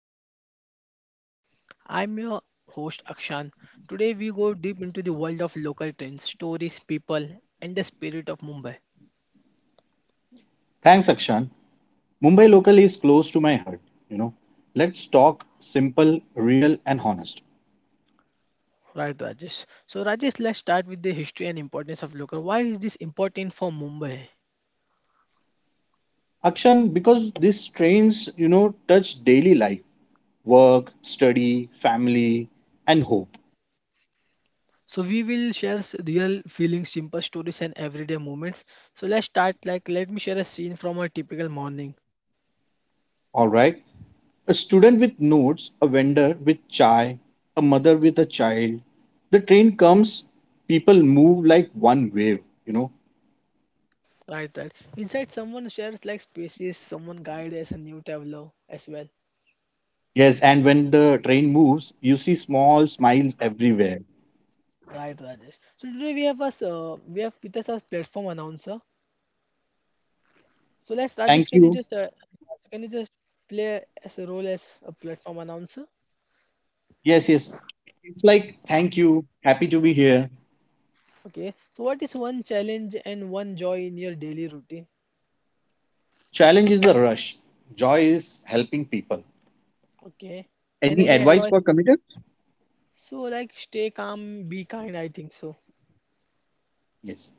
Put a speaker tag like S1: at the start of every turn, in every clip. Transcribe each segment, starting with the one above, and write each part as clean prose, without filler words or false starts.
S1: lifeline of the city. I'm your host Akshan. Today we go deep into the world of local trends, stories, people and the spirit of Mumbai.
S2: Thanks, Akshan. Mumbai local is close to my heart. You know, let's talk simple, real, and honest.
S1: Right Rajesh. So Rajesh, let's start with the history and importance of local. Why is this important for Mumbai?
S2: Akshan, because these trains, touch daily life, work, study, family, and hope.
S1: So we will share real feelings, simple stories and everyday moments. So let's start, let me share a scene from a typical morning.
S2: All right. A student with notes, a vendor with chai, a mother with a child. The train comes, people move like one wave, you know.
S1: Right, right. Inside someone shares like spaces, someone guides as a new traveler as well.
S2: Yes, and when the train moves, you see small smiles everywhere.
S1: Right, Rajesh. So today we have us we have with us our platform announcer. So let's Rajesh,
S2: Thank
S1: can you
S2: you.
S1: just so can you just play as a role as a platform announcer?
S2: Yes, yes. It's like, thank you, happy to be here.
S1: Okay. So what is one challenge and one joy in your daily routine?
S2: Challenge is the rush, joy is helping people.
S1: Okay. And
S2: Any
S1: any
S2: advice
S1: advice?
S2: for commuters?
S1: So like stay calm, be kind, I think so.
S2: Yes.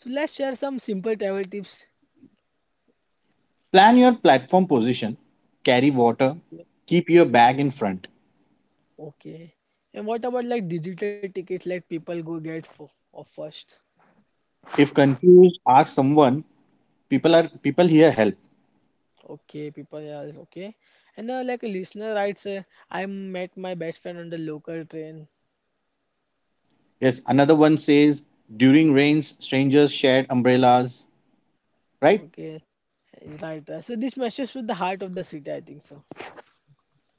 S1: So let's share some simple travel tips.
S2: Plan your platform position, carry water,
S1: Okay.
S2: keep your bag in front.
S1: Okay. And what about like digital tickets? Let people go get for or first.
S2: If confused, ask someone. People are people here help.
S1: Okay, people, yeah, it's okay. And like a listener writes, I met my best friend on the local train.
S2: Yes, another one says during rains, strangers shared umbrellas, right?
S1: Okay, right. So this message to the heart of the city, I think so.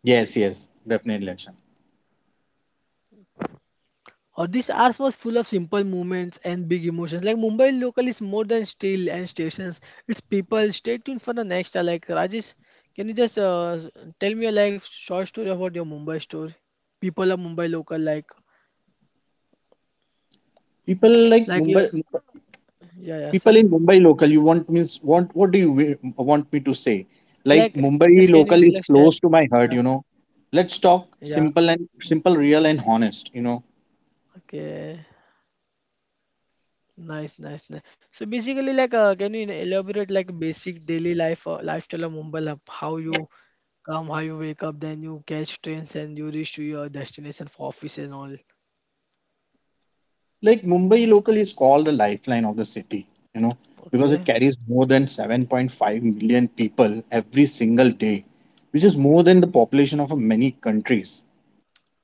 S2: Yes, yes, definitely action.
S1: Or this hours was full of simple moments and big emotions. Like Mumbai local is more than steel and stations. It's people. Stay tuned for the next. Like Rajesh, can you just tell me a like short story about your Mumbai story? People of Mumbai local,
S2: People like
S1: like your,
S2: Mumbai
S1: yeah, yeah,
S2: People
S1: say,
S2: in Mumbai local, you want means want what do you want me to say?
S1: like,
S2: Like
S1: just can
S2: Mumbai
S1: you like
S2: local is
S1: share?
S2: close to my
S1: Yeah,
S2: heart. Let's talk
S1: yeah.
S2: simple, real and honest.
S1: Okay. Nice, nice, nice. So basically, can you elaborate like basic daily life lifestyle of Mumbai, like how you come, how you wake up, then you catch trains and you reach to your destination for office and all.
S2: Like Mumbai local is called the lifeline of the city, you know, because it
S1: Okay,
S2: carries more than 7.5 million people every single day, which is more than the population of many countries.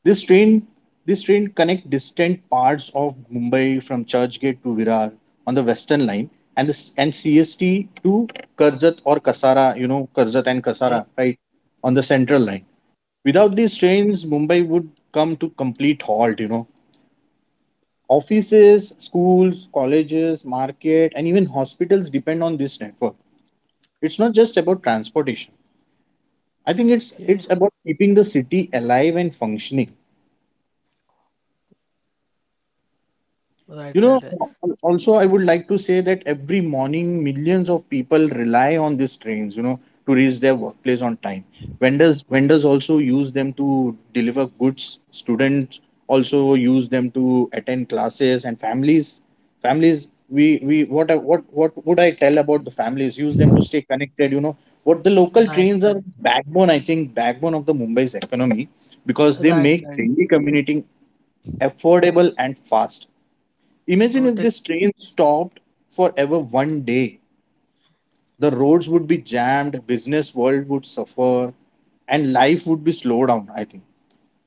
S2: This train this train connect distant parts of Mumbai from Churchgate to Virar on the Western Line and CST to Karjat or Kasara, Karjat and
S1: okay,
S2: Kasara, right? On the Central Line. Without these trains, Mumbai would come to complete halt. Offices, schools, colleges, market, and even hospitals depend on this network. It's not just about transportation. I think
S1: okay.
S2: it's about keeping the city alive and functioning.
S1: Right, right,
S2: Also I would like to say that every morning millions of people rely on these trains, to reach their workplace on time. Vendors also use them to deliver goods. Students also use them to attend classes and families we what I- what would I tell about the families use them to stay connected. What the
S1: right,
S2: local
S1: right,
S2: trains
S1: right,
S2: are backbone, I think backbone of the Mumbai's economy because they
S1: right,
S2: make
S1: right.
S2: daily commuting affordable and fast. Imagine if
S1: Totally
S2: this train stopped forever one day. The roads would be jammed, business world would suffer, and life would be slowed down, I think.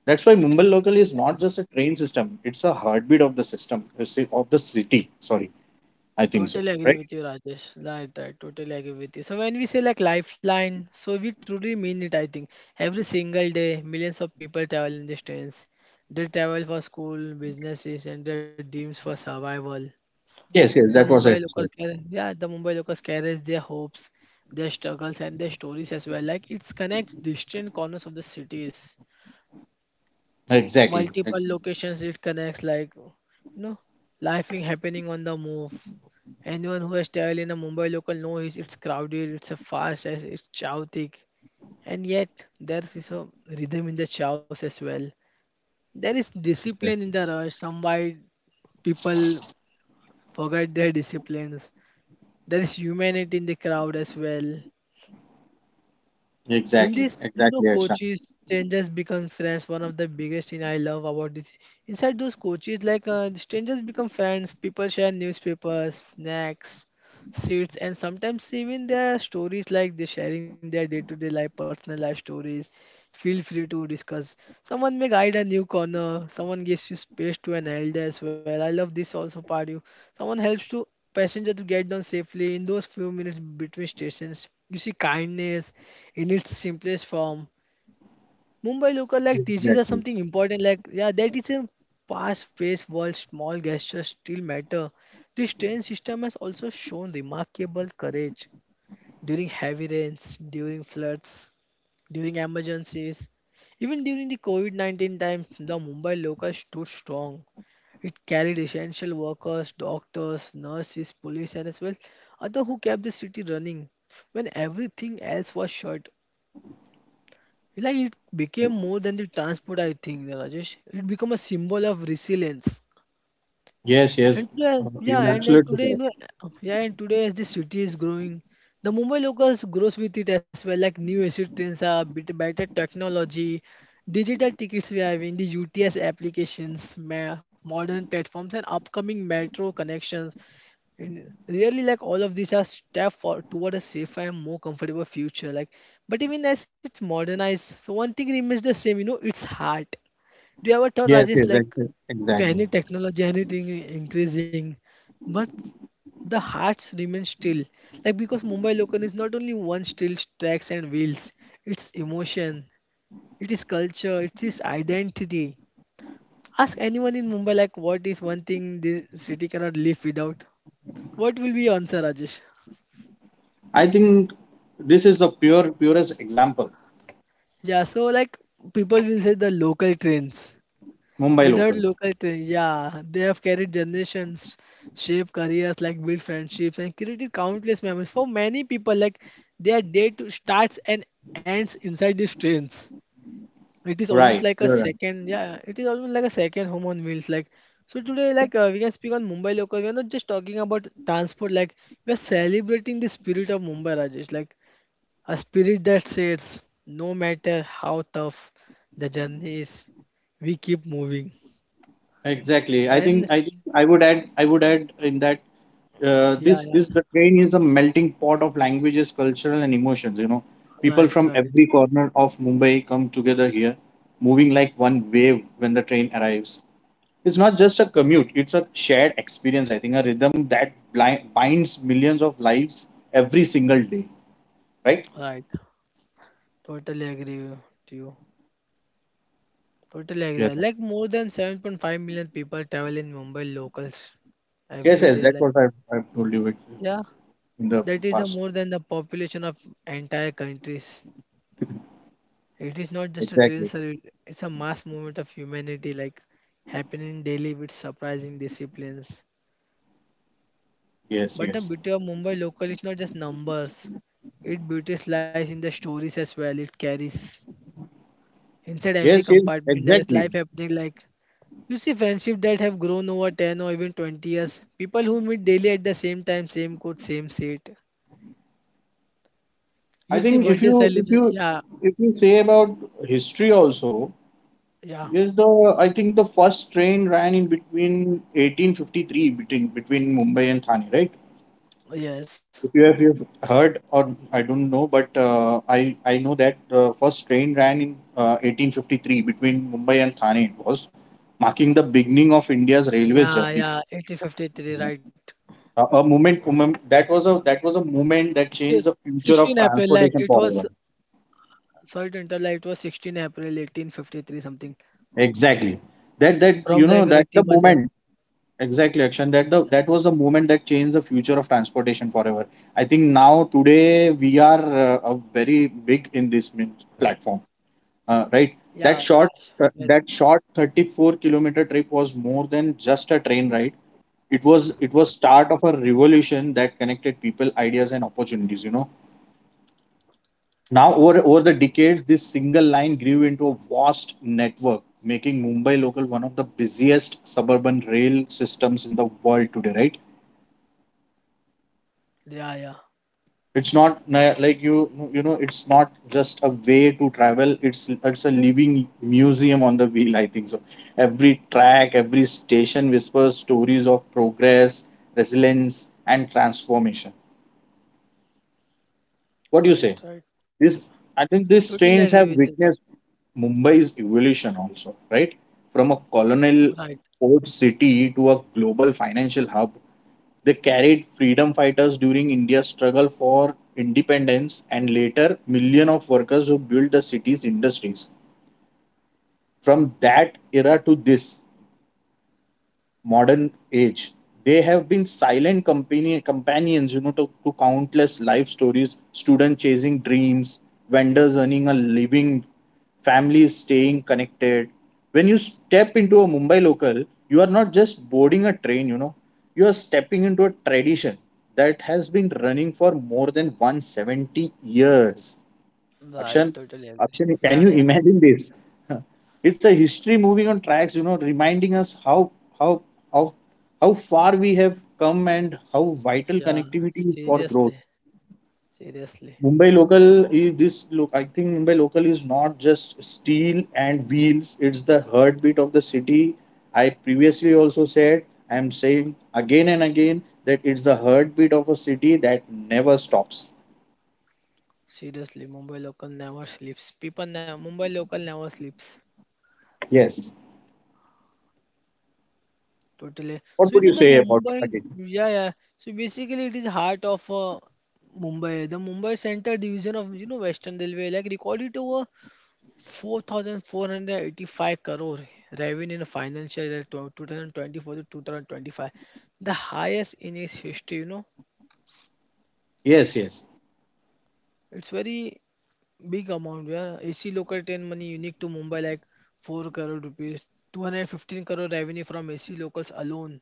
S2: That's why Mumbai local is not
S1: agree.
S2: just a train system, it's a heartbeat of the system, you see, of the city. Sorry, I think so.
S1: Totally agree
S2: Right?
S1: with you, Rajesh. Right, right. Totally agree with you. So when we say like lifeline, so we truly mean it. I think every single day, millions of people travel in these trains. They travel for school, businesses, and their dreams for survival.
S2: Yes,
S1: The
S2: yes, that was
S1: Mumbai
S2: it.
S1: local car- Yeah, the Mumbai locals carries their hopes, their struggles, and their stories as well. Like it connects distant corners of the cities,
S2: Exactly.
S1: multiple
S2: Exactly.
S1: locations it connects, like you know, laughing happening on the move. Anyone who has traveled in a Mumbai local knows it's crowded, it's a fast as it's chaotic, and yet there is a rhythm in the chaos as well. There is discipline in the rush, some why people forget their disciplines. There is humanity in the crowd as well. In
S2: Exactly.
S1: this, you know,
S2: Exactly, Akshan.
S1: coaches, strangers become friends. One of the biggest thing I love about this. Inside those coaches, like strangers become friends. People share newspapers, snacks, seats, and sometimes even their stories. Like they sharing their day-to-day life, personal life stories. Feel free to discuss. Someone may guide a new corner. Someone gives you space to an elder as well. I love this also part. You. Someone helps to passenger to get down safely in those few minutes between stations. You see kindness in its simplest form. Mumbai local like teaches are
S2: Exactly.
S1: something important, like yeah, that is a fast-paced world, small gestures still matter. This train system has also shown remarkable courage during heavy rains, during floods, during emergencies, even during the COVID-19 times the Mumbai local stood strong. It carried essential workers, doctors, nurses, police, and as well other who kept the city running when everything else was shut. Like it became more than the transport, I think, Rajesh. It became a symbol of resilience.
S2: Yes, yes.
S1: And today, yeah,
S2: You're
S1: and then
S2: absolutely
S1: today, you
S2: correct.
S1: know, yeah, and today as the city is growing, the Mumbai locals grows with it as well. Like new AC trains are bit better technology, digital tickets we have in the UTS applications, modern platforms, and upcoming metro connections. And really, like all of these are step for toward a safer and more comfortable future. Like, but even as it's modernized, so one thing remains the same. You know, it's heart. Do you ever thought,
S2: Yes, yes,
S1: Rajesh, like if
S2: exactly.
S1: any technology, anything increasing, but the hearts remain still. Like because Mumbai Local is not only one still tracks and wheels. It's emotion. It is culture. It is identity. Ask anyone in Mumbai, like what is one thing this city cannot live without. What will be answer, Rajesh?
S2: I think this is the purest example.
S1: Yeah, so like people will say the local trains.
S2: Mumbai
S1: Without
S2: local.
S1: local trains, yeah, they have carried generations, shaped careers, like built friendships and created countless memories. For many people, like their day to starts and ends inside these trains. It is almost
S2: Right.
S1: like a
S2: You're right.
S1: second, yeah, it is almost like a second home on wheels. Like so today, like we can speak on Mumbai local. We are not just talking about transport. Like we are celebrating the spirit of Mumbai, Rajesh. Like a spirit that says, no matter how tough the journey is, we keep moving.
S2: Exactly.
S1: And s-
S2: I would add in that,
S1: yeah,
S2: this is
S1: yeah,
S2: the train is a melting pot of languages, cultural and emotions. You know, people
S1: right,
S2: from
S1: right,
S2: every corner of Mumbai come together here, moving like one wave when the train arrives. It's not just a commute; it's a shared experience. I think a rhythm that binds millions of lives every single day. Right?
S1: right. Totally agree you- to you. Totally
S2: Yeah.
S1: agree. Like more than 7.5 million people travel in Mumbai locals
S2: Yes,
S1: every
S2: yes.
S1: day.
S2: That's
S1: Like,
S2: what I have told you
S1: yeah,
S2: in the
S1: that is the
S2: past.
S1: more than the population of entire countries. It is not just a train
S2: Exactly.
S1: service, it's a mass movement of humanity, like happening daily with surprising disciplines.
S2: Yes,
S1: But the
S2: yes.
S1: beauty of Mumbai local is not just numbers. Its beauty lies in the stories as well it carries. Inside every
S2: Yes, yes,
S1: compartment, there is
S2: exactly.
S1: life happening, like you see friendship that have grown over 10 or even 20 years. People who meet daily at the same time, same coach, same seat. You
S2: I
S1: see
S2: think
S1: birthday celebration. Yeah,
S2: if you say about history also,
S1: yeah,
S2: yes, the I think the first train ran in between 1853 between between Mumbai and Thane, right?
S1: yes.
S2: If you have, you've heard or I don't know, but I know that the first train ran in 1853 between Mumbai and Thane. It was marking the beginning of India's railway
S1: Yeah,
S2: journey.
S1: yeah, 1853, right.
S2: Moment that was a
S1: Si-
S2: moment that changed the
S1: 16 April,
S2: future
S1: like
S2: of
S1: it was,
S2: transportation forever.
S1: sorry to interrupt, like it was 16 April 1853 something
S2: Exactly. That that
S1: from like
S2: you know,
S1: Riti Mandar.
S2: that was the moment that changed the future of transportation forever. I think now today we are, a very big in this platform, right?
S1: Yeah,
S2: That short
S1: wash. Very,
S2: that short 34-kilometer trip was more than just a train ride. It was start of a revolution that connected people, ideas, and opportunities. You know now, over the
S1: good.
S2: decades, this single line grew into a vast network, making Mumbai local one of the busiest suburban rail systems in the world today, right?
S1: Yeah, yeah.
S2: It's not na- Like, you know it's not just a way to travel. It's a living museum on the wheel. I think so. Every track, every station whispers stories of progress, resilience, and transformation. What do you
S1: Right,
S2: say?
S1: right.
S2: This, I think
S1: Totally
S2: these
S1: agree
S2: trains
S1: with
S2: have
S1: it.
S2: witnessed Mumbai's evolution also, right? From a colonial
S1: Right,
S2: port city to a global financial hub. They carried freedom fighters during India's struggle for independence and later million of workers who built the city's industries. From that era to this modern age, they have been silent company companions, you know, to countless life stories. Students chasing dreams, vendors earning a living, families staying connected. When you step into a Mumbai local, you are not just boarding a train, you know, you are stepping into a tradition that has been running for more than 170 years.
S1: right.
S2: Akshan,
S1: Totally agree.
S2: Akshan,
S1: Yeah,
S2: can you
S1: yeah,
S2: imagine this? It's a history moving on tracks, you know, reminding us how how how far we have come and how vital
S1: yeah.
S2: connectivity is for growth.
S1: Seriously, seriously,
S2: Mumbai local is this look. I think Mumbai local is not just steel and wheels. It's the heartbeat of the city. I previously also said. I am saying again and again that it's the heartbeat of a city that never stops.
S1: seriously. Mumbai local never sleeps. Mumbai local never sleeps.
S2: Yes.
S1: Totally.
S2: What
S1: So you
S2: would you
S1: know the
S2: say about it
S1: Mumbai.
S2: again?
S1: Yeah, yeah. So basically, it is heart of Mumbai. The Mumbai Central Division of you know Western Railway like recorded over 4,485 crore revenue in financial year 2024 to 2025, the highest in its history. You know,
S2: Yes. Yes.
S1: it's very big amount. Yeah, AC local train money unique to Mumbai like 4 crore rupees, 215 crore revenue from AC locals alone.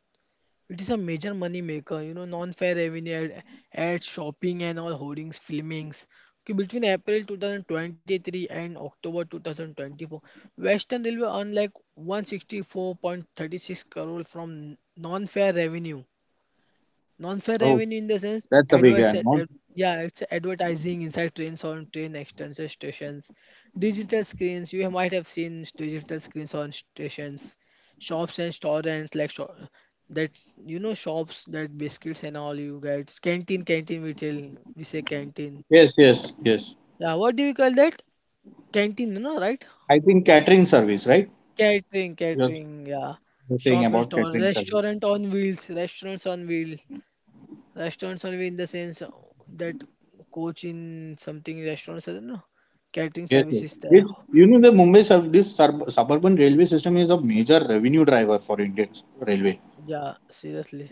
S1: It is a major money maker, you know, non-fair revenue, ads, shopping and all hoardings, filmings. Okay, between April 2023 and October 2024, Western Railway earned like 164.36 crore from non-fair revenue. Non-fare
S2: Oh.
S1: revenue in the sense
S2: That's a big
S1: advertising,
S2: amount.
S1: yeah, it's advertising inside trains on train extension stations, digital screens. You might have seen digital screens on stations, shops and restaurants like shop, that you know shops that biscuits and all you get. Canteen, canteen we tell, we say canteen.
S2: Yes, yes, yes.
S1: Yeah, what do you call that? Canteen, no, no, right?
S2: I think catering service, right?
S1: Catering,
S2: You're
S1: catering, yeah.
S2: you're saying
S1: Shop and
S2: about
S1: store,
S2: catering service.
S1: restaurant on wheels, restaurants on wheel. Restaurants only in the sense that coach in something restaurants are no catering
S2: Yes, yes.
S1: services there.
S2: It's, you know, the Mumbai suburban railway system is a major revenue driver for Indian railway.
S1: Yeah, seriously.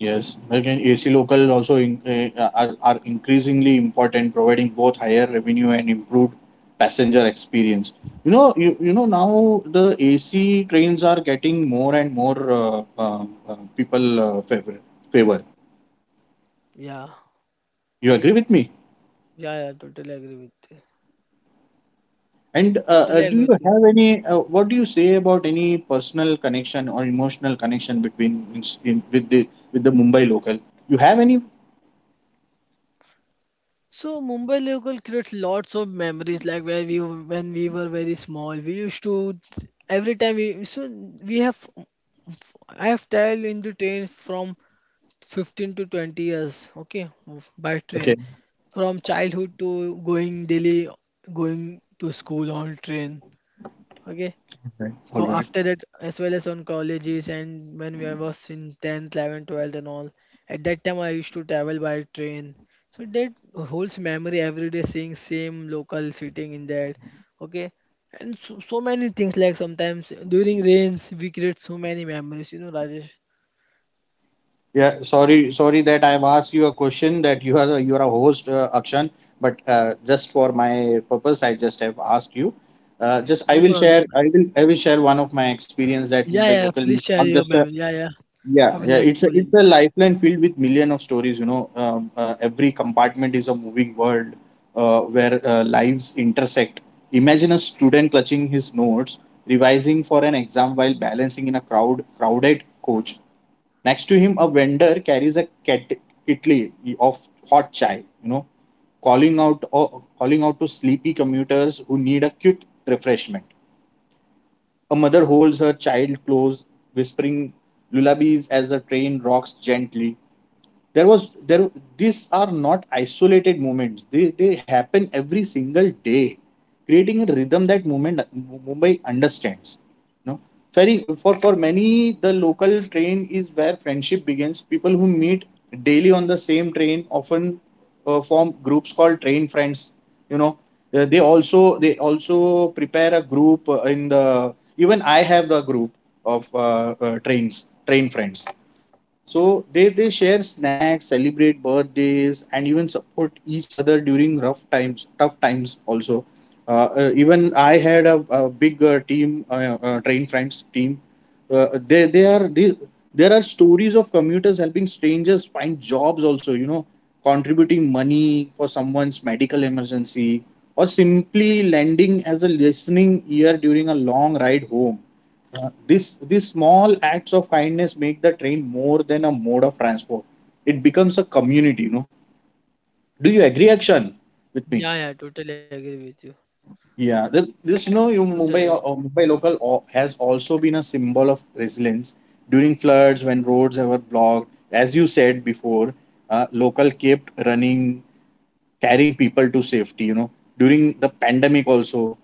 S2: Yes, like in AC local also in, are increasingly important, providing both higher revenue and improved passenger experience. You know, you know now the AC trains are getting more and more, people, favor.
S1: Yeah,
S2: You agree with me?
S1: yeah, yeah. Totally agree with you.
S2: And
S1: Totally
S2: do
S1: agree
S2: you
S1: with you.
S2: have any? What do you say about any personal connection or emotional connection with the Mumbai local? You have any?
S1: So Mumbai local creates lots of memories like when we were very small. We used to every time we so we have, I have traveled in the train from 15 to 20 years, okay, by train.
S2: Okay.
S1: From childhood to going daily, going to school on train, okay.
S2: Okay. All right.
S1: After that, as well as on colleges and when we I was in 10th, 11th, 12th and all, at that time I used to travel by train. So that holds memory every day seeing same local sitting in that, okay. And so, so many things like sometimes during rains we create so many memories, you know, Rajesh.
S2: Yeah. Sorry. Sorry that I have asked you a question that you are you are a host, Akshan. But just for my purpose, I just have asked you. Just I
S1: No
S2: will
S1: problem.
S2: share. I will, I will share one of my experience that
S1: Yeah,
S2: Mumbai
S1: yeah.
S2: local is
S1: Please share
S2: not
S1: your
S2: just a.
S1: memory. Yeah, yeah. I
S2: Yeah,
S1: would
S2: yeah,
S1: like to
S2: it's
S1: link.
S2: a lifeline filled with million of stories. You know, every compartment is a moving world where lives intersect. Imagine a student clutching his notes, revising for an exam while balancing in a crowded coach. Next to him, a vendor carries a kitli of hot chai. You know, calling out to sleepy commuters who need a quick refreshment. A mother holds her child close, whispering lullabies as the train rocks gently. There was there These are not isolated moments, they happen every single day, creating a rhythm that movement Mumbai understands. No, know ferry For many, the local train is where friendship begins. People who meet daily on the same train often, form groups called train friends, you know. They also prepare a group, in the even I have the group of, uh, trains train friends. So they share snacks, celebrate birthdays, and even support each other during tough times also. Even I had a big, team, train friends team. Uh, they, they are they, there are stories of commuters helping strangers find jobs also. You know, contributing money for someone's medical emergency, or simply lending as a listening ear during a long ride home. This These small acts of kindness make the train more than a mode of transport. It becomes a community, you know. Do you agree, Akshan, with me?
S1: Yeah, yeah. Totally agree with you.
S2: Yeah, this, you know, you
S1: Totally agree
S2: Mumbai, has also been a symbol of resilience during floods when roads were blocked. As you said before, local kept running, carrying people to safety. You know, during the pandemic also,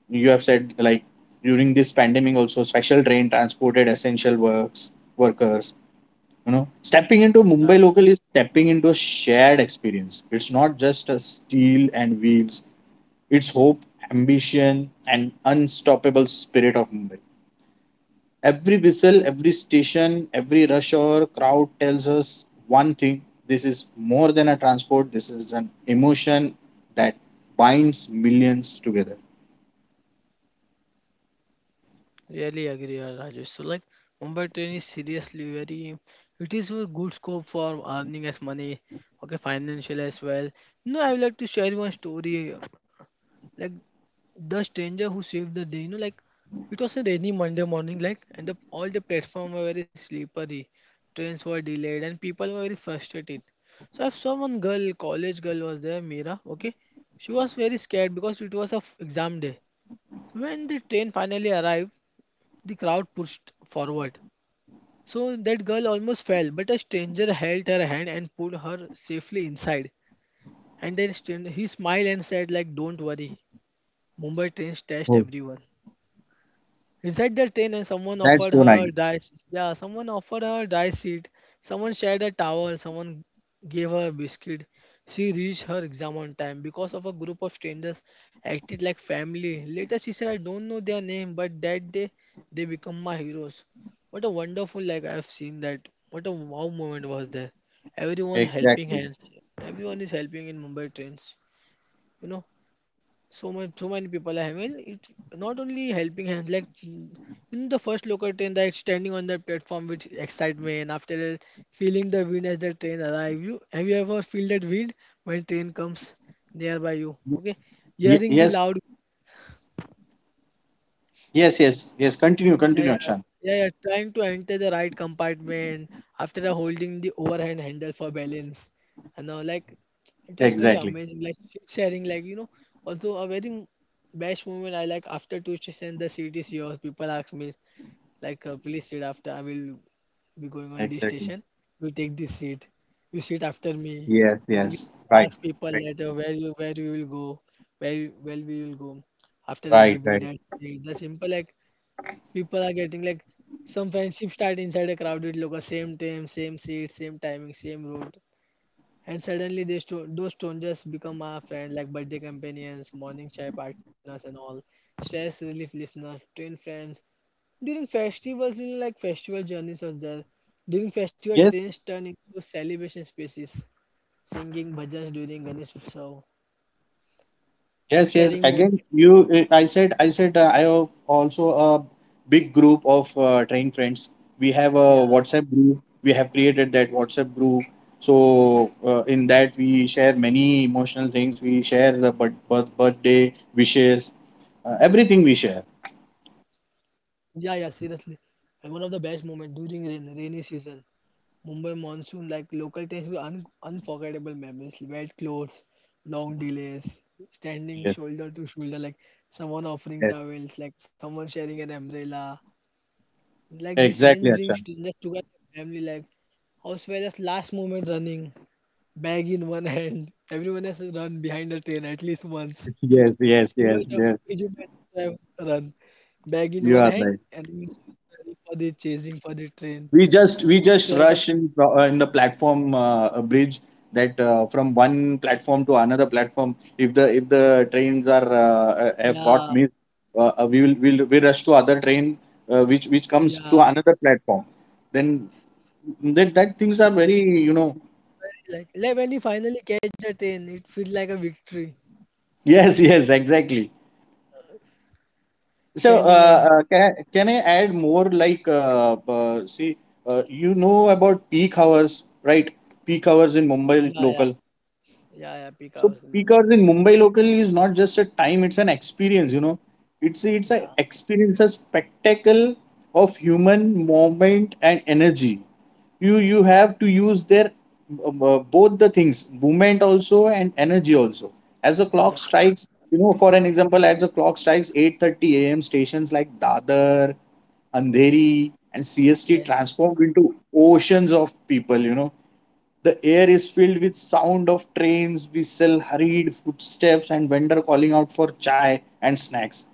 S2: you have said like during this pandemic also, special train transported essential works workers. You know, stepping into
S1: on that.
S2: Mumbai local is stepping into a shared experience. It's not just a steel and wheels, it's hope, ambition, and unstoppable spirit of Mumbai. Every whistle, every station, every rush hour crowd tells us one thing: this is more than a transport, this is an emotion that binds millions together.
S1: Really agree, Rajesh. So like Mumbai train is seriously very. It is a good scope for earning as money. Okay, financial as well. No, I would like to share one story. Like the stranger who saved the day, you know. Like it was a rainy Monday morning, like, and the, all the platform were very slippery, trains were delayed and people were very frustrated. So I saw one girl, college girl was there, Mira, okay. She was very scared because it was a exam day. When the train finally arrived, the crowd pushed forward, so that girl almost fell but a stranger held her hand and pulled her safely inside. And then he smiled and said like, "Don't worry, Mumbai trains test
S2: Oh,
S1: everyone." Inside the train, and someone
S2: that's
S1: offered
S2: so
S1: her
S2: nice.
S1: dry. Yeah, someone offered her dry seat. Someone shared a towel. Someone gave her a biscuit. She reached her exam on time because of a group of strangers acted like family. Later, she said, "I don't know their name, but that day they become my heroes." What a wonderful I've seen that. What a wow moment was there. Everyone helping
S2: Exactly.
S1: hands. Everyone is helping in Mumbai trains. You know so much so many people are having it not only helping hands like in the first local train that standing on that platform with excitement and after that feeling the wind as the train arrive, you have you ever feel that wind when train comes nearby you?
S2: Y-
S1: Okay, hearing the
S2: yes,
S1: loud.
S2: yes, yes, yes. Continue,
S1: Yeah,
S2: continue,
S1: yeah,
S2: Akshan.
S1: yeah, yeah. Trying to enter the right compartment after holding the overhand handle for balance, and all, like it was very
S2: Exactly,
S1: amazing. Like seat sharing, like also a very best moment I like, after two station the seat is yours. People ask me like, please sit after. I will be going on this
S2: exactly.
S1: station. You take this seat. You sit after me.
S2: Yes,
S1: Then we
S2: yes, right,
S1: ask people
S2: right,
S1: later where you will go, where we will go. After that,
S2: right,
S1: give me
S2: right.
S1: that seat. The simple like people are getting like some friendship start inside a crowded local, same time, same seat, same timing, same route. And suddenly those strangers become our friend, like birthday companions, morning chai partners and all, stress relief listeners, train friends. During festivals, like festival journeys was there. During festival,
S2: Yes,
S1: trains turn into celebration spaces, singing bhajans during Ganesh Utsav,
S2: yes, yes.
S1: sharing more.
S2: Again, I said, I have also a big group of train friends. We have a
S1: Yeah,
S2: WhatsApp group. We have created that WhatsApp group. So in that we share many emotional things. We share the birthday wishes, everything we share.
S1: yeah, yeah, seriously. And one of the best moments during rainy season. Mumbai monsoon, like local trains with unforgettable memories. Wet clothes, long delays, standing
S2: Yes,
S1: shoulder to shoulder, like someone offering
S2: yes,
S1: towels, like someone sharing an umbrella. Like this rain
S2: exactly,
S1: brings
S2: Akshan.
S1: strangers together, family like house where just last moment running, bag in one hand. Everyone has run behind the train at least once. You
S2: Yes, yes,
S1: you might
S2: yes,
S1: have,
S2: yes.
S1: you might have run bag in
S2: You
S1: one
S2: are
S1: hand
S2: right.
S1: and running for the chasing for the train.
S2: We just
S1: Sweat on.
S2: rush in the platform bridge, that from one platform to another platform. If the trains are have
S1: Yeah.
S2: got missed, we rush to other train, which comes to
S1: Yeah,
S2: another platform. Then that things
S1: see,
S2: are very you know
S1: very like when you finally catch the train, it feels like a victory.
S2: yes, yes, exactly. so
S1: Standing at
S2: uh,
S1: the.
S2: uh, can I add more, like, see, you know about peak hours, right? Peak hours in Mumbai
S1: Yeah, yeah,
S2: local.
S1: yeah, yeah, peak
S2: So
S1: hours in Mumbai.
S2: because in
S1: Oh,
S2: Mumbai local is not just a time, it's an experience, you know. It's a
S1: yeah,
S2: experience, a spectacle of human moment and energy. You have to use their both the things, movement also and energy also. As the clock
S1: yeah,
S2: strikes, you know, for an example, as the clock strikes 8:30 a.m., stations like Dadar, Andheri, and CST
S1: yes.
S2: transformed into oceans of people. The air is filled with sound of trains, whistle, hurried footsteps, and vendor calling out for chai and snacks.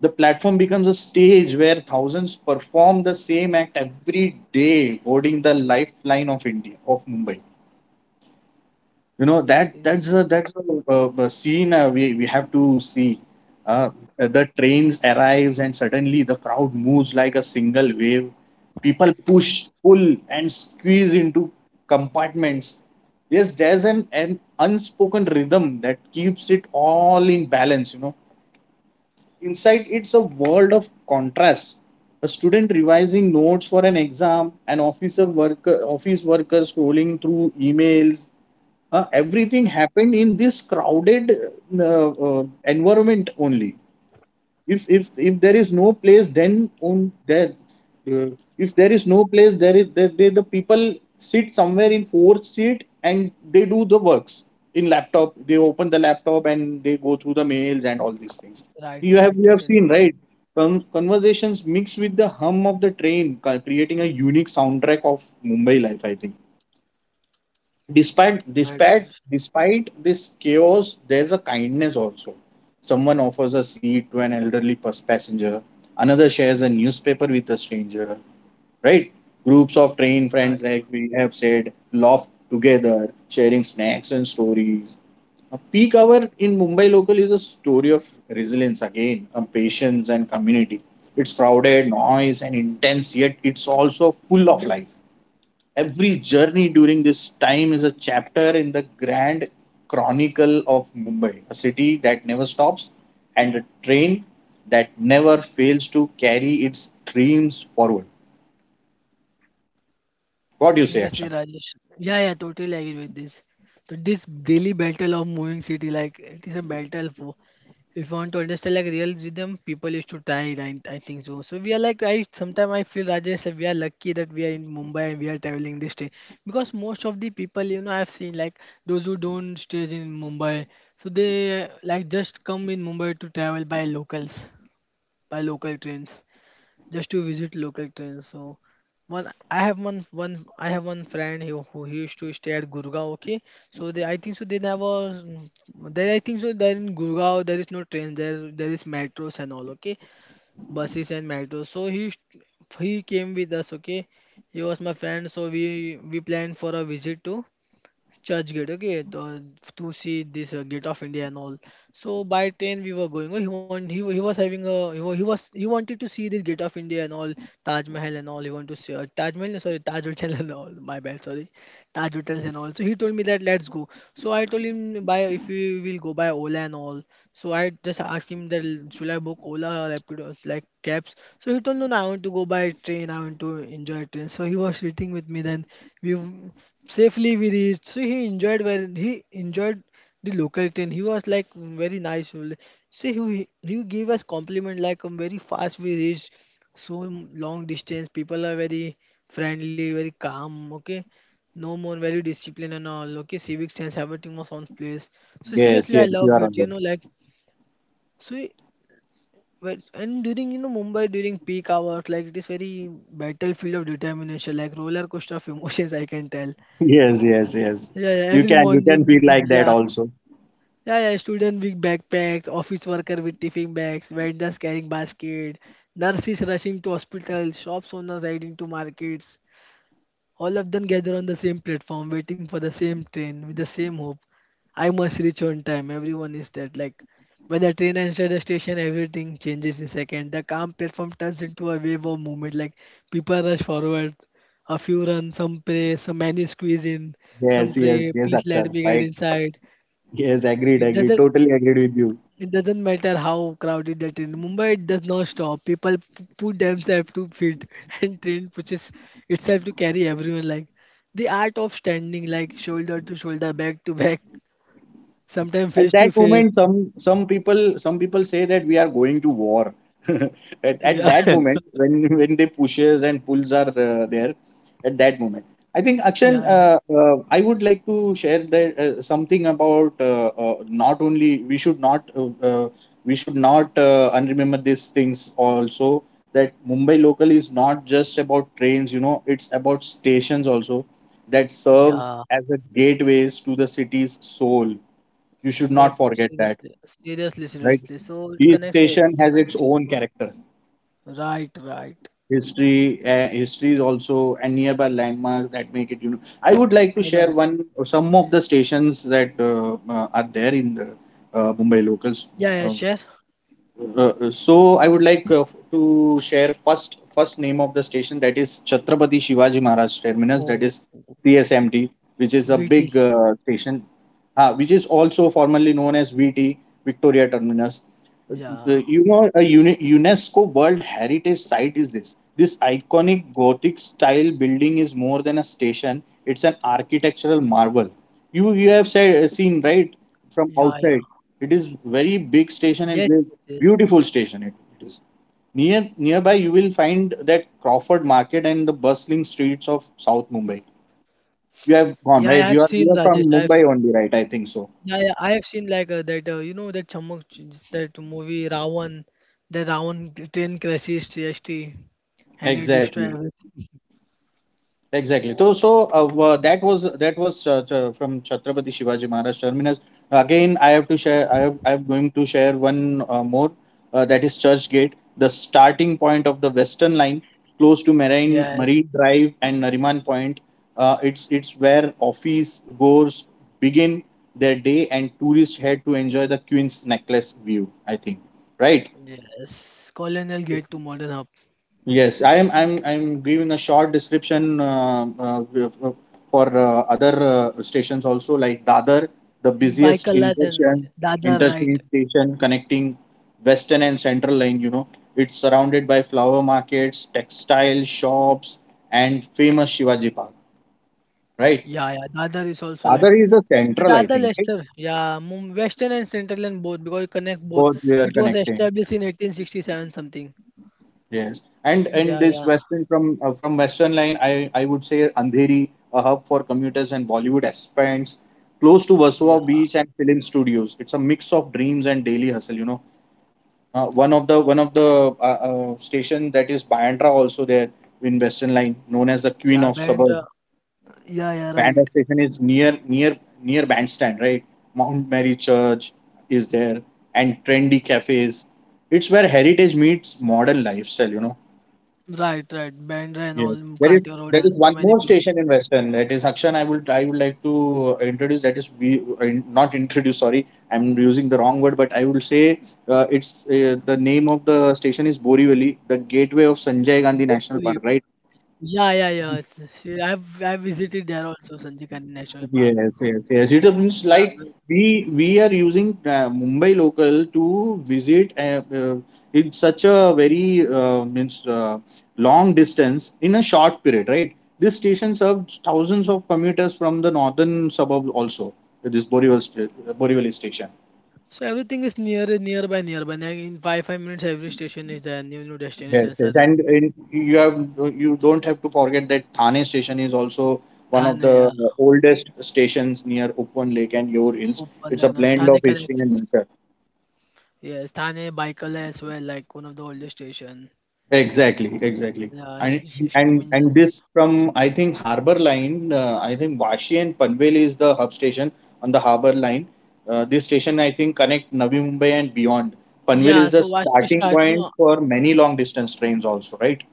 S2: The platform becomes a stage where thousands perform the same act every day, holding the lifeline of India, of Mumbai. You know that that's
S1: Seriously,
S2: a that's a, uh, uh, scene we have to see. uh, the trains arrives and suddenly the crowd moves like a single wave. People push, pull, and squeeze into compartments. Yes, there's an unspoken rhythm that keeps it all in balance, you know. Inside it's a world of contrast: a student revising notes for an exam, an office worker scrolling through emails. Everything happened in this crowded uh, uh, environment only. If there is no place then on there, uh, if there is no place there is there, the people sit somewhere in fourth seat and they do the works in laptop. They open the laptop and they go through the mails and all these things.
S1: right,
S2: you have
S1: right,
S2: you have
S1: totally,
S2: seen,
S1: agree.
S2: right? Conversations mixed with the hum of the train, creating a unique soundtrack of Mumbai life, I think. despite
S1: Right,
S2: despite
S1: Rajesh,
S2: despite this chaos, there's a kindness also. Someone offers a seat to an elderly passenger. Another shares a newspaper with a stranger. Right. Groups of train friends,
S1: right.
S2: like we have said, laugh together sharing snacks and stories. A peak hour in Mumbai local is a story of resilience, again, of patience and community. It's crowded, noise, and intense, yet it's also full of life. Every journey during this time is a chapter in the grand chronicle of Mumbai, a city that never stops, and a train that never fails to carry its dreams forward. What do you say,
S1: Seriously,
S2: Akshan?
S1: Rajesh. Yeah, yeah, totally agree with this. So this daily battle of moving city, like it is a battle for. If you want to understand like real rhythm, people used to try it. I think so. So we are like, I sometimes I feel, Rajesh, that we are lucky that we are in Mumbai and we are traveling this day, because most of the people, you know, I've seen like those who don't stay in Mumbai, so they like just come in Mumbai to travel by locals, by local trains, just to visit local trains. So one I have one one I have one friend who he used to stay at Gurgaon. Okay, so they I think so they never there I think so there in Gurgaon there is no train, there is metros and all. Okay, buses and metros. So he came with us. Okay, he was my friend. So we planned for a visit to Churchgate, okay, to see this Gate of India and all. So by train we were going. Oh, He want, he, wa- he was having a he, wa- he was, he wanted to see this Gate of India and all, Taj Mahal and all. He wanted to see Taj Mahal, no, sorry, Taj Hotel and all. My bad, sorry, Taj Hotels and all. So he told me that let's go. So I told him by if we will go by Ola and all. So I just asked him that should I book Ola or Rapido like cabs. So he told no, no, I want to go by train. I want to enjoy train. So he was sitting with me, then we safely we reached. So he enjoyed the local train. He was like very nice. So he gave us compliment like very fast we reached so long distance. People are very friendly, very calm. Okay, no more very disciplined and all. Okay, civic sense everything was on place. So
S2: Yes,
S1: seriously, I
S2: yes, you
S1: love
S2: are on
S1: it. You
S2: board.
S1: know, like so. And during you know Mumbai during peak hours, like it is very battlefield of determination, like roller coaster of emotions. I can tell.
S2: Yes, yes, yes.
S1: Yeah, yeah,
S2: You
S1: every
S2: can you can
S1: morning,
S2: feel like that
S1: yeah.
S2: also.
S1: Yeah, yeah, student with backpacks, office worker with tiffin bags, vendors carrying basket, nurses rushing to hospital, shops owners riding to markets, all of them gather on the same platform, waiting for the same train with the same hope. I must reach on time. Everyone is dead. Like when the train enters the station, everything changes in second. The calm platform turns into a wave of movement. Like people rush forward. A few run, some pray, some many squeeze in, some
S2: Yes, yes,
S1: pray,
S2: yes,
S1: please let
S2: Akshan.
S1: me get
S2: Right.
S1: inside.
S2: Yes, agreed,
S1: It
S2: agreed.
S1: doesn't
S2: Totally agreed with you.
S1: it doesn't matter how crowded the train. Mumbai it does not stop. People put themselves to feet, and train pushes itself to carry everyone. Like the art of standing, like shoulder to shoulder, back to back, sometimes
S2: At
S1: face to
S2: that
S1: face.
S2: moment, some people say that we are going to war. At
S1: Yeah,
S2: that moment when they pushes and pulls are there. At that moment, I think, Akshan,
S1: yeah, yeah.
S2: I would like to share that something about, not only we should not, unremember these things also. That Mumbai local is not just about trains, you know, it's about stations also, that serves
S1: Yeah,
S2: as a gateways to the city's soul. You should
S1: what
S2: not forget that,
S1: seriously, seriously,
S2: right?
S1: seriously. So it
S2: Each
S1: connects with
S2: station has
S1: different
S2: its
S1: state.
S2: own character,
S1: Right, right,
S2: history. History is also, and nearby landmarks that make it. You know, I would like to share
S1: right.
S2: one some of the stations that are there in the Mumbai locals.
S1: Yeah, yeah,
S2: uh,
S1: share.
S2: so I would like to share first name of the station, that is Chhatrapati Shivaji Maharaj Terminus, that
S1: Oh,
S2: is CSMT, which is a
S1: VT.
S2: big station, which is also formerly known as VT, Victoria Terminus. Uh,
S1: Yeah,
S2: you know, a UNESCO World Heritage Site is this. This iconic Gothic style building is more than a station; it's an architectural marvel. You have seen, right,
S1: yeah, yeah.
S2: from outside. It is very big
S1: Yes,
S2: station and
S1: yes.
S2: beautiful station it is. near Nearby you will find that Crawford Market and the bustling streets of South Mumbai. You have
S1: Yeah, I
S2: gone right.
S1: have
S2: you are
S1: seen,
S2: you are
S1: Rajesh.
S2: from Mumbai only, right, I think so.
S1: Yeah, yeah, I have seen like that. You know that that movie Ravan, the train crashes TST and it destroys
S2: Exactly.
S1: everything.
S2: Exactly. So, that was from Chhatrapati Shivaji Maharaj Terminus. Again, I have to share. I'm going to share one more. That is Church Gate, the starting point of the Western Line, close to Marine
S1: Yes,
S2: Marine Drive and Nariman Point. It's where office goers begin their day, and tourists head to enjoy the Queen's Necklace view, I think, right?
S1: yes. Colonel Gate to Modern Hub.
S2: Yes, I am. I'm giving a short description for other stations also, like Dadar, the busiest
S1: Baikallas and Dadar, right?
S2: interchange station connecting Western and Central Line. You know, it's surrounded by flower markets, textile shops, and famous Shivaji Park. Right.
S1: Yeah, yeah. Dadar is also
S2: Dadar
S1: like
S2: is the
S1: the
S2: central, I
S1: Dadar
S2: think. Right?
S1: Lester. Yeah, Western and Central and both because it connect both.
S2: Both they are
S1: It was
S2: connecting.
S1: established in 1867 something.
S2: Yes, and in
S1: Yeah,
S2: this
S1: yeah,
S2: western from western line, I would say Andheri, a hub for commuters and Bollywood aspirants, close to
S1: yeah,
S2: Versova Beach and film studios. It's a mix of dreams and daily hustle. You know, one of the station that is Bandra also there in western line, known as the Queen
S1: yeah.
S2: of
S1: Band.
S2: Suburb.
S1: Yeah, yeah. Right.
S2: Bandra station is near Bandstand, right? Mount Mary Church is there, and trendy cafes. It's where heritage meets modern lifestyle, you know.
S1: Right, right. Bandra and
S2: Yes.
S1: all,
S2: There is
S1: mm, road
S2: there is
S1: and
S2: one
S1: so many
S2: more station
S1: places.
S2: in Western. That is, Akshan, I would like to introduce. That is, we, not introduce. Sorry, I'm using the wrong word. But I will say it's the name of the station is Borivali, the gateway of Sanjay Gandhi National
S1: Hopefully.
S2: Park. Right.
S1: Yeah, yeah, yeah. See, I've visited there also, Sanjay Gandhi National Park.
S2: Yes, yes, yes. It means
S1: Yeah,
S2: like
S1: well,
S2: we are using Mumbai local to visit, in such a very, means long distance in a short period, right? This station serves thousands of commuters from the northern suburb also. This Borivali Borivali station.
S1: so everything is near, nearby, nearby. Like in five minutes, every station is there. New
S2: Yes,
S1: destinations are
S2: yes,
S1: there.
S2: and you don't have to forget that Thane station is also one of
S1: Thane,
S2: the
S1: yeah,
S2: oldest stations near Uppan Lake and Yor Hills.
S1: open,
S2: It's a
S1: you know,
S2: blend of
S1: Thane
S2: history and
S1: connects.
S2: nature.
S1: Yes, Thane, Baikal as well, like one of the oldest station.
S2: Exactly, exactly.
S1: Yeah,
S2: And
S1: Steam
S2: and
S1: engines.
S2: this from, I think, Harbour Line. I think Vashi and Panvel is the hub station on the Harbour Line. This station, I think, connect Navi Mumbai and beyond. Panvel
S1: Yeah,
S2: is the
S1: so Vashi
S2: starting
S1: start,
S2: point
S1: no,
S2: for many long distance trains also, right?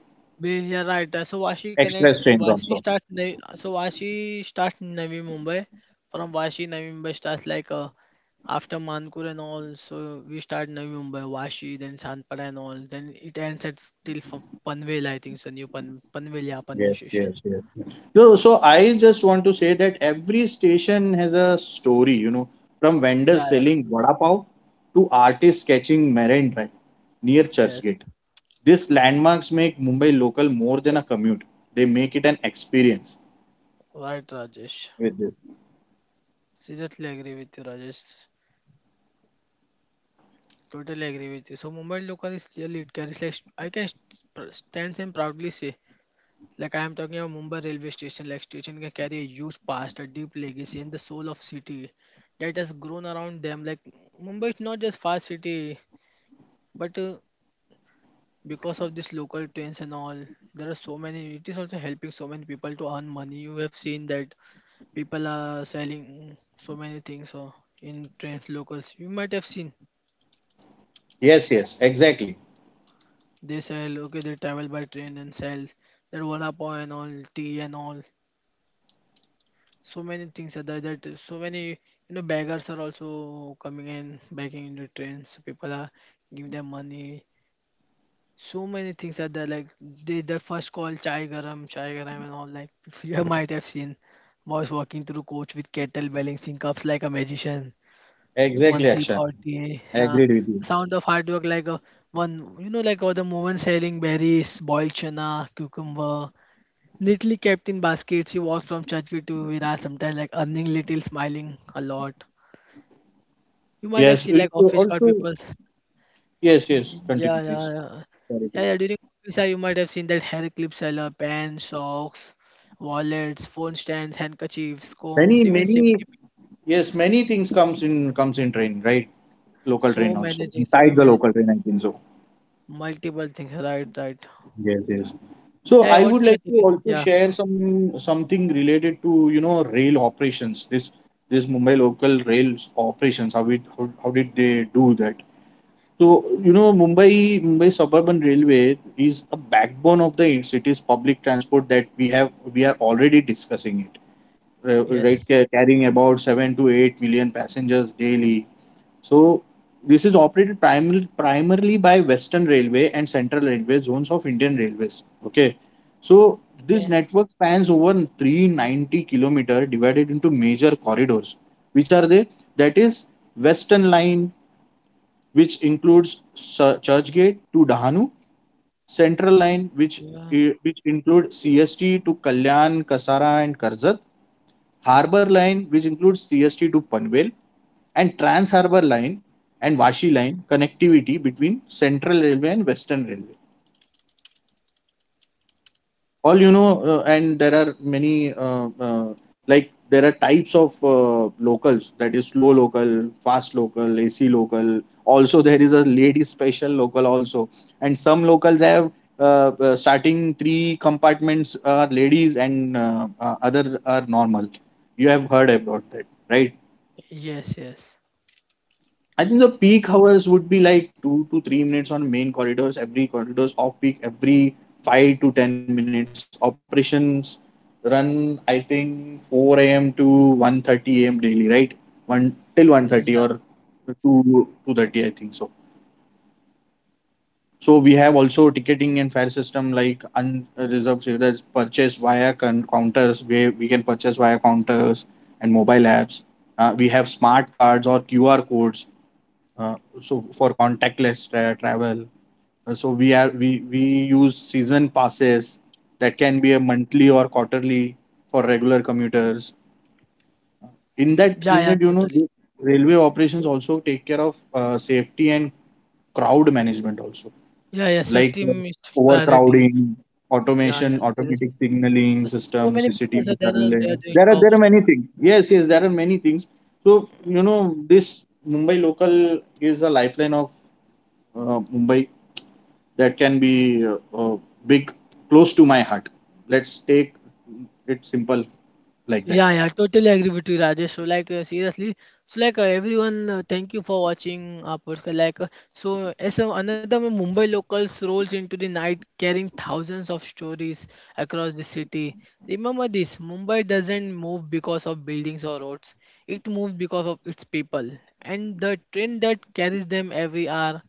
S1: We yeah, right. So Vashi
S2: Express
S1: connects.
S2: trains
S1: Vashi
S2: also.
S1: starts. Navi, so Vashi starts Navi Mumbai. From Vashi, Navi Mumbai starts like after Mankur and all. So we start Navi Mumbai, Vashi, then Sandpara and all. Then it ends at till from Panvel, I think. So new Pan Panvel, yeah, Panvel
S2: Yes,
S1: station.
S2: yes, yes. So, I just want to say that every station has a story. You know, from
S1: Yeah,
S2: vendors
S1: yeah,
S2: selling vada pav to artists sketching Marine Drive near
S1: yes.
S2: Churchgate. These landmarks make Mumbai local more than a commute. They make it an experience,
S1: Right, Rajesh.
S2: with this.
S1: Seriously agree with you, Rajesh. Totally agree with you. So Mumbai local is really it carries like I can stands and proudly say. Like I am talking about Mumbai railway station, like station can carry a huge past, a deep legacy, and the soul of city that has grown around them. Like Mumbai is not just fast city, but because of these local trains and all, there are so many. It is also helping so many people to earn money. You have seen that people are selling so many things in trains. Locals, you might have seen
S2: Yes, yes, exactly.
S1: they sell. Okay, they travel by train and sell their vada pav and all, tea and all. So many things are there, that so many, you know, beggars are also coming in begging in the trains, people are giving them money. So many things are there, like they their first call, chai garam, chai garam and all, like you might have seen boys walking through coach with kettle balancing cups like a magician,
S2: Exactly,
S1: one sip
S2: Akshan.
S1: hot tea,
S2: I
S1: yeah,
S2: agreed with you.
S1: the sound of hard work. Like a one, you know, like all the woman selling berries, boiled chana, cucumber, neatly kept in baskets, he walked from Churchgate to Virat sometimes like earning little, smiling a lot. You might have
S2: Yes,
S1: seen like
S2: you
S1: office card
S2: also,
S1: people.
S2: yes, yes.
S1: Yeah,
S2: Continue,
S1: yeah,
S2: please.
S1: yeah.
S2: Sorry,
S1: Yeah, yeah.
S2: please.
S1: During office hour, you might have seen that hair clip seller, pants, socks, wallets, phone stands, handkerchiefs, combs,
S2: Many,
S1: even safety
S2: many,
S1: pin.
S2: yes, many things comes in train, right? Local
S1: So
S2: train
S1: many
S2: also.
S1: things, so
S2: Inside the
S1: many
S2: local
S1: things.
S2: train, I think so.
S1: Multiple things, right, right.
S2: Yes, yes. So
S1: Yeah, yeah,
S2: I
S1: what
S2: would
S1: you are
S2: like to
S1: thinking?
S2: also
S1: Yeah,
S2: share something related to, you know, rail operations. This Mumbai local rails operations. How did they do that? So, you know, Mumbai Suburban Railway is a backbone of the city's public transport that we are already discussing it. Right,
S1: yes.
S2: carrying about 7 to 8 million passengers daily. So, this is operated primarily by Western Railway and Central Railway zones of Indian Railways. Okay, so this
S1: Yeah,
S2: network spans over 390 kilometer divided into major corridors. Which are they? That is Western Line, which includes Churchgate to Dahanu; Central Line,
S1: yeah,
S2: which includes CST to Kalyan, Kasara, and Karzat; Harbour Line, which includes CST to Panvel; and Trans Harbour Line and Vashi Line connectivity between Central Railway and Western Railway. All, you know, and there are many, like, there are types of locals, that is slow local, fast local, AC local. Also there is a lady special local also. And some locals have uh, starting three compartments are ladies, and other are normal. You have heard about that, right?
S1: yes, yes.
S2: I think the peak hours would be like 2 to 3 minutes on main corridors; every corridors, off peak, every 5 to 10 minutes. Operations run, I think, 4 a.m. to 1:30 a.m. daily, right? One till 1:30 or
S1: Yeah,
S2: two two thirty, I think so. So we have also ticketing and fare system like unreserved that's purchased via counters, where we can purchase via counters and mobile apps. We have smart cards or QR codes, uh, so for contactless travel. So we are we use season passes that can be a monthly or quarterly for regular commuters in that
S1: yeah, yeah,
S2: unit, you know.
S1: totally.
S2: The railway operations also take care of safety and crowd management also,
S1: Yeah, yeah,
S2: like
S1: safety is priority.
S2: overcrowding,
S1: Yeah,
S2: automation
S1: yeah,
S2: automatic
S1: seriously.
S2: signaling
S1: Uh, So
S2: systems,
S1: many people are
S2: CCTV
S1: there and they are
S2: surveillance.
S1: doing
S2: there are there
S1: jobs.
S2: are many things, yes, yes, there are many things. So, you know, this Mumbai local is a lifeline of Mumbai, that can be big, close to my heart. Let's take it simple like
S1: Yeah,
S2: that.
S1: yeah, totally agree with you, Rajesh. So, like, seriously, so like, everyone, thank you for watching our podcast. Like, so as a, another one, Mumbai locals rolls into the night carrying thousands of stories across the city. Remember this: Mumbai doesn't move because of buildings or roads. It moves because of its people, and the train that carries them every hour,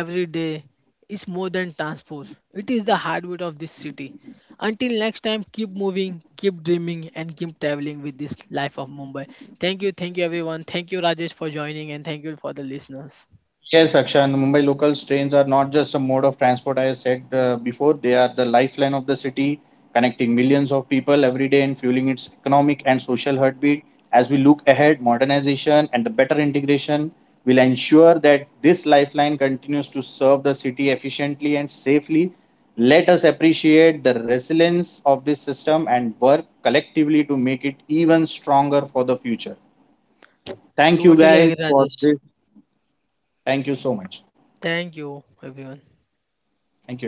S1: every day, is more than transport. It is the heartbeat of this city. Until next time, keep moving, keep dreaming, and keep traveling with this life of Mumbai. Thank you, everyone. Thank you, Rajesh, for joining, and thank you for the listeners.
S2: Yes, Akshay, the Mumbai locals trains are not just a mode of transport. I said before, they are the lifeline of the city, connecting millions of people every day and fueling its economic and social heartbeat. As we look ahead, modernization and the better integration will ensure that this lifeline continues to serve the city efficiently and safely. Let us appreciate the resilience of this system and work collectively to make it even stronger for the future. Thank you
S1: Totally agree,
S2: guys for
S1: Rajesh.
S2: this. Thank you so much.
S1: Thank you, everyone.
S2: Thank you.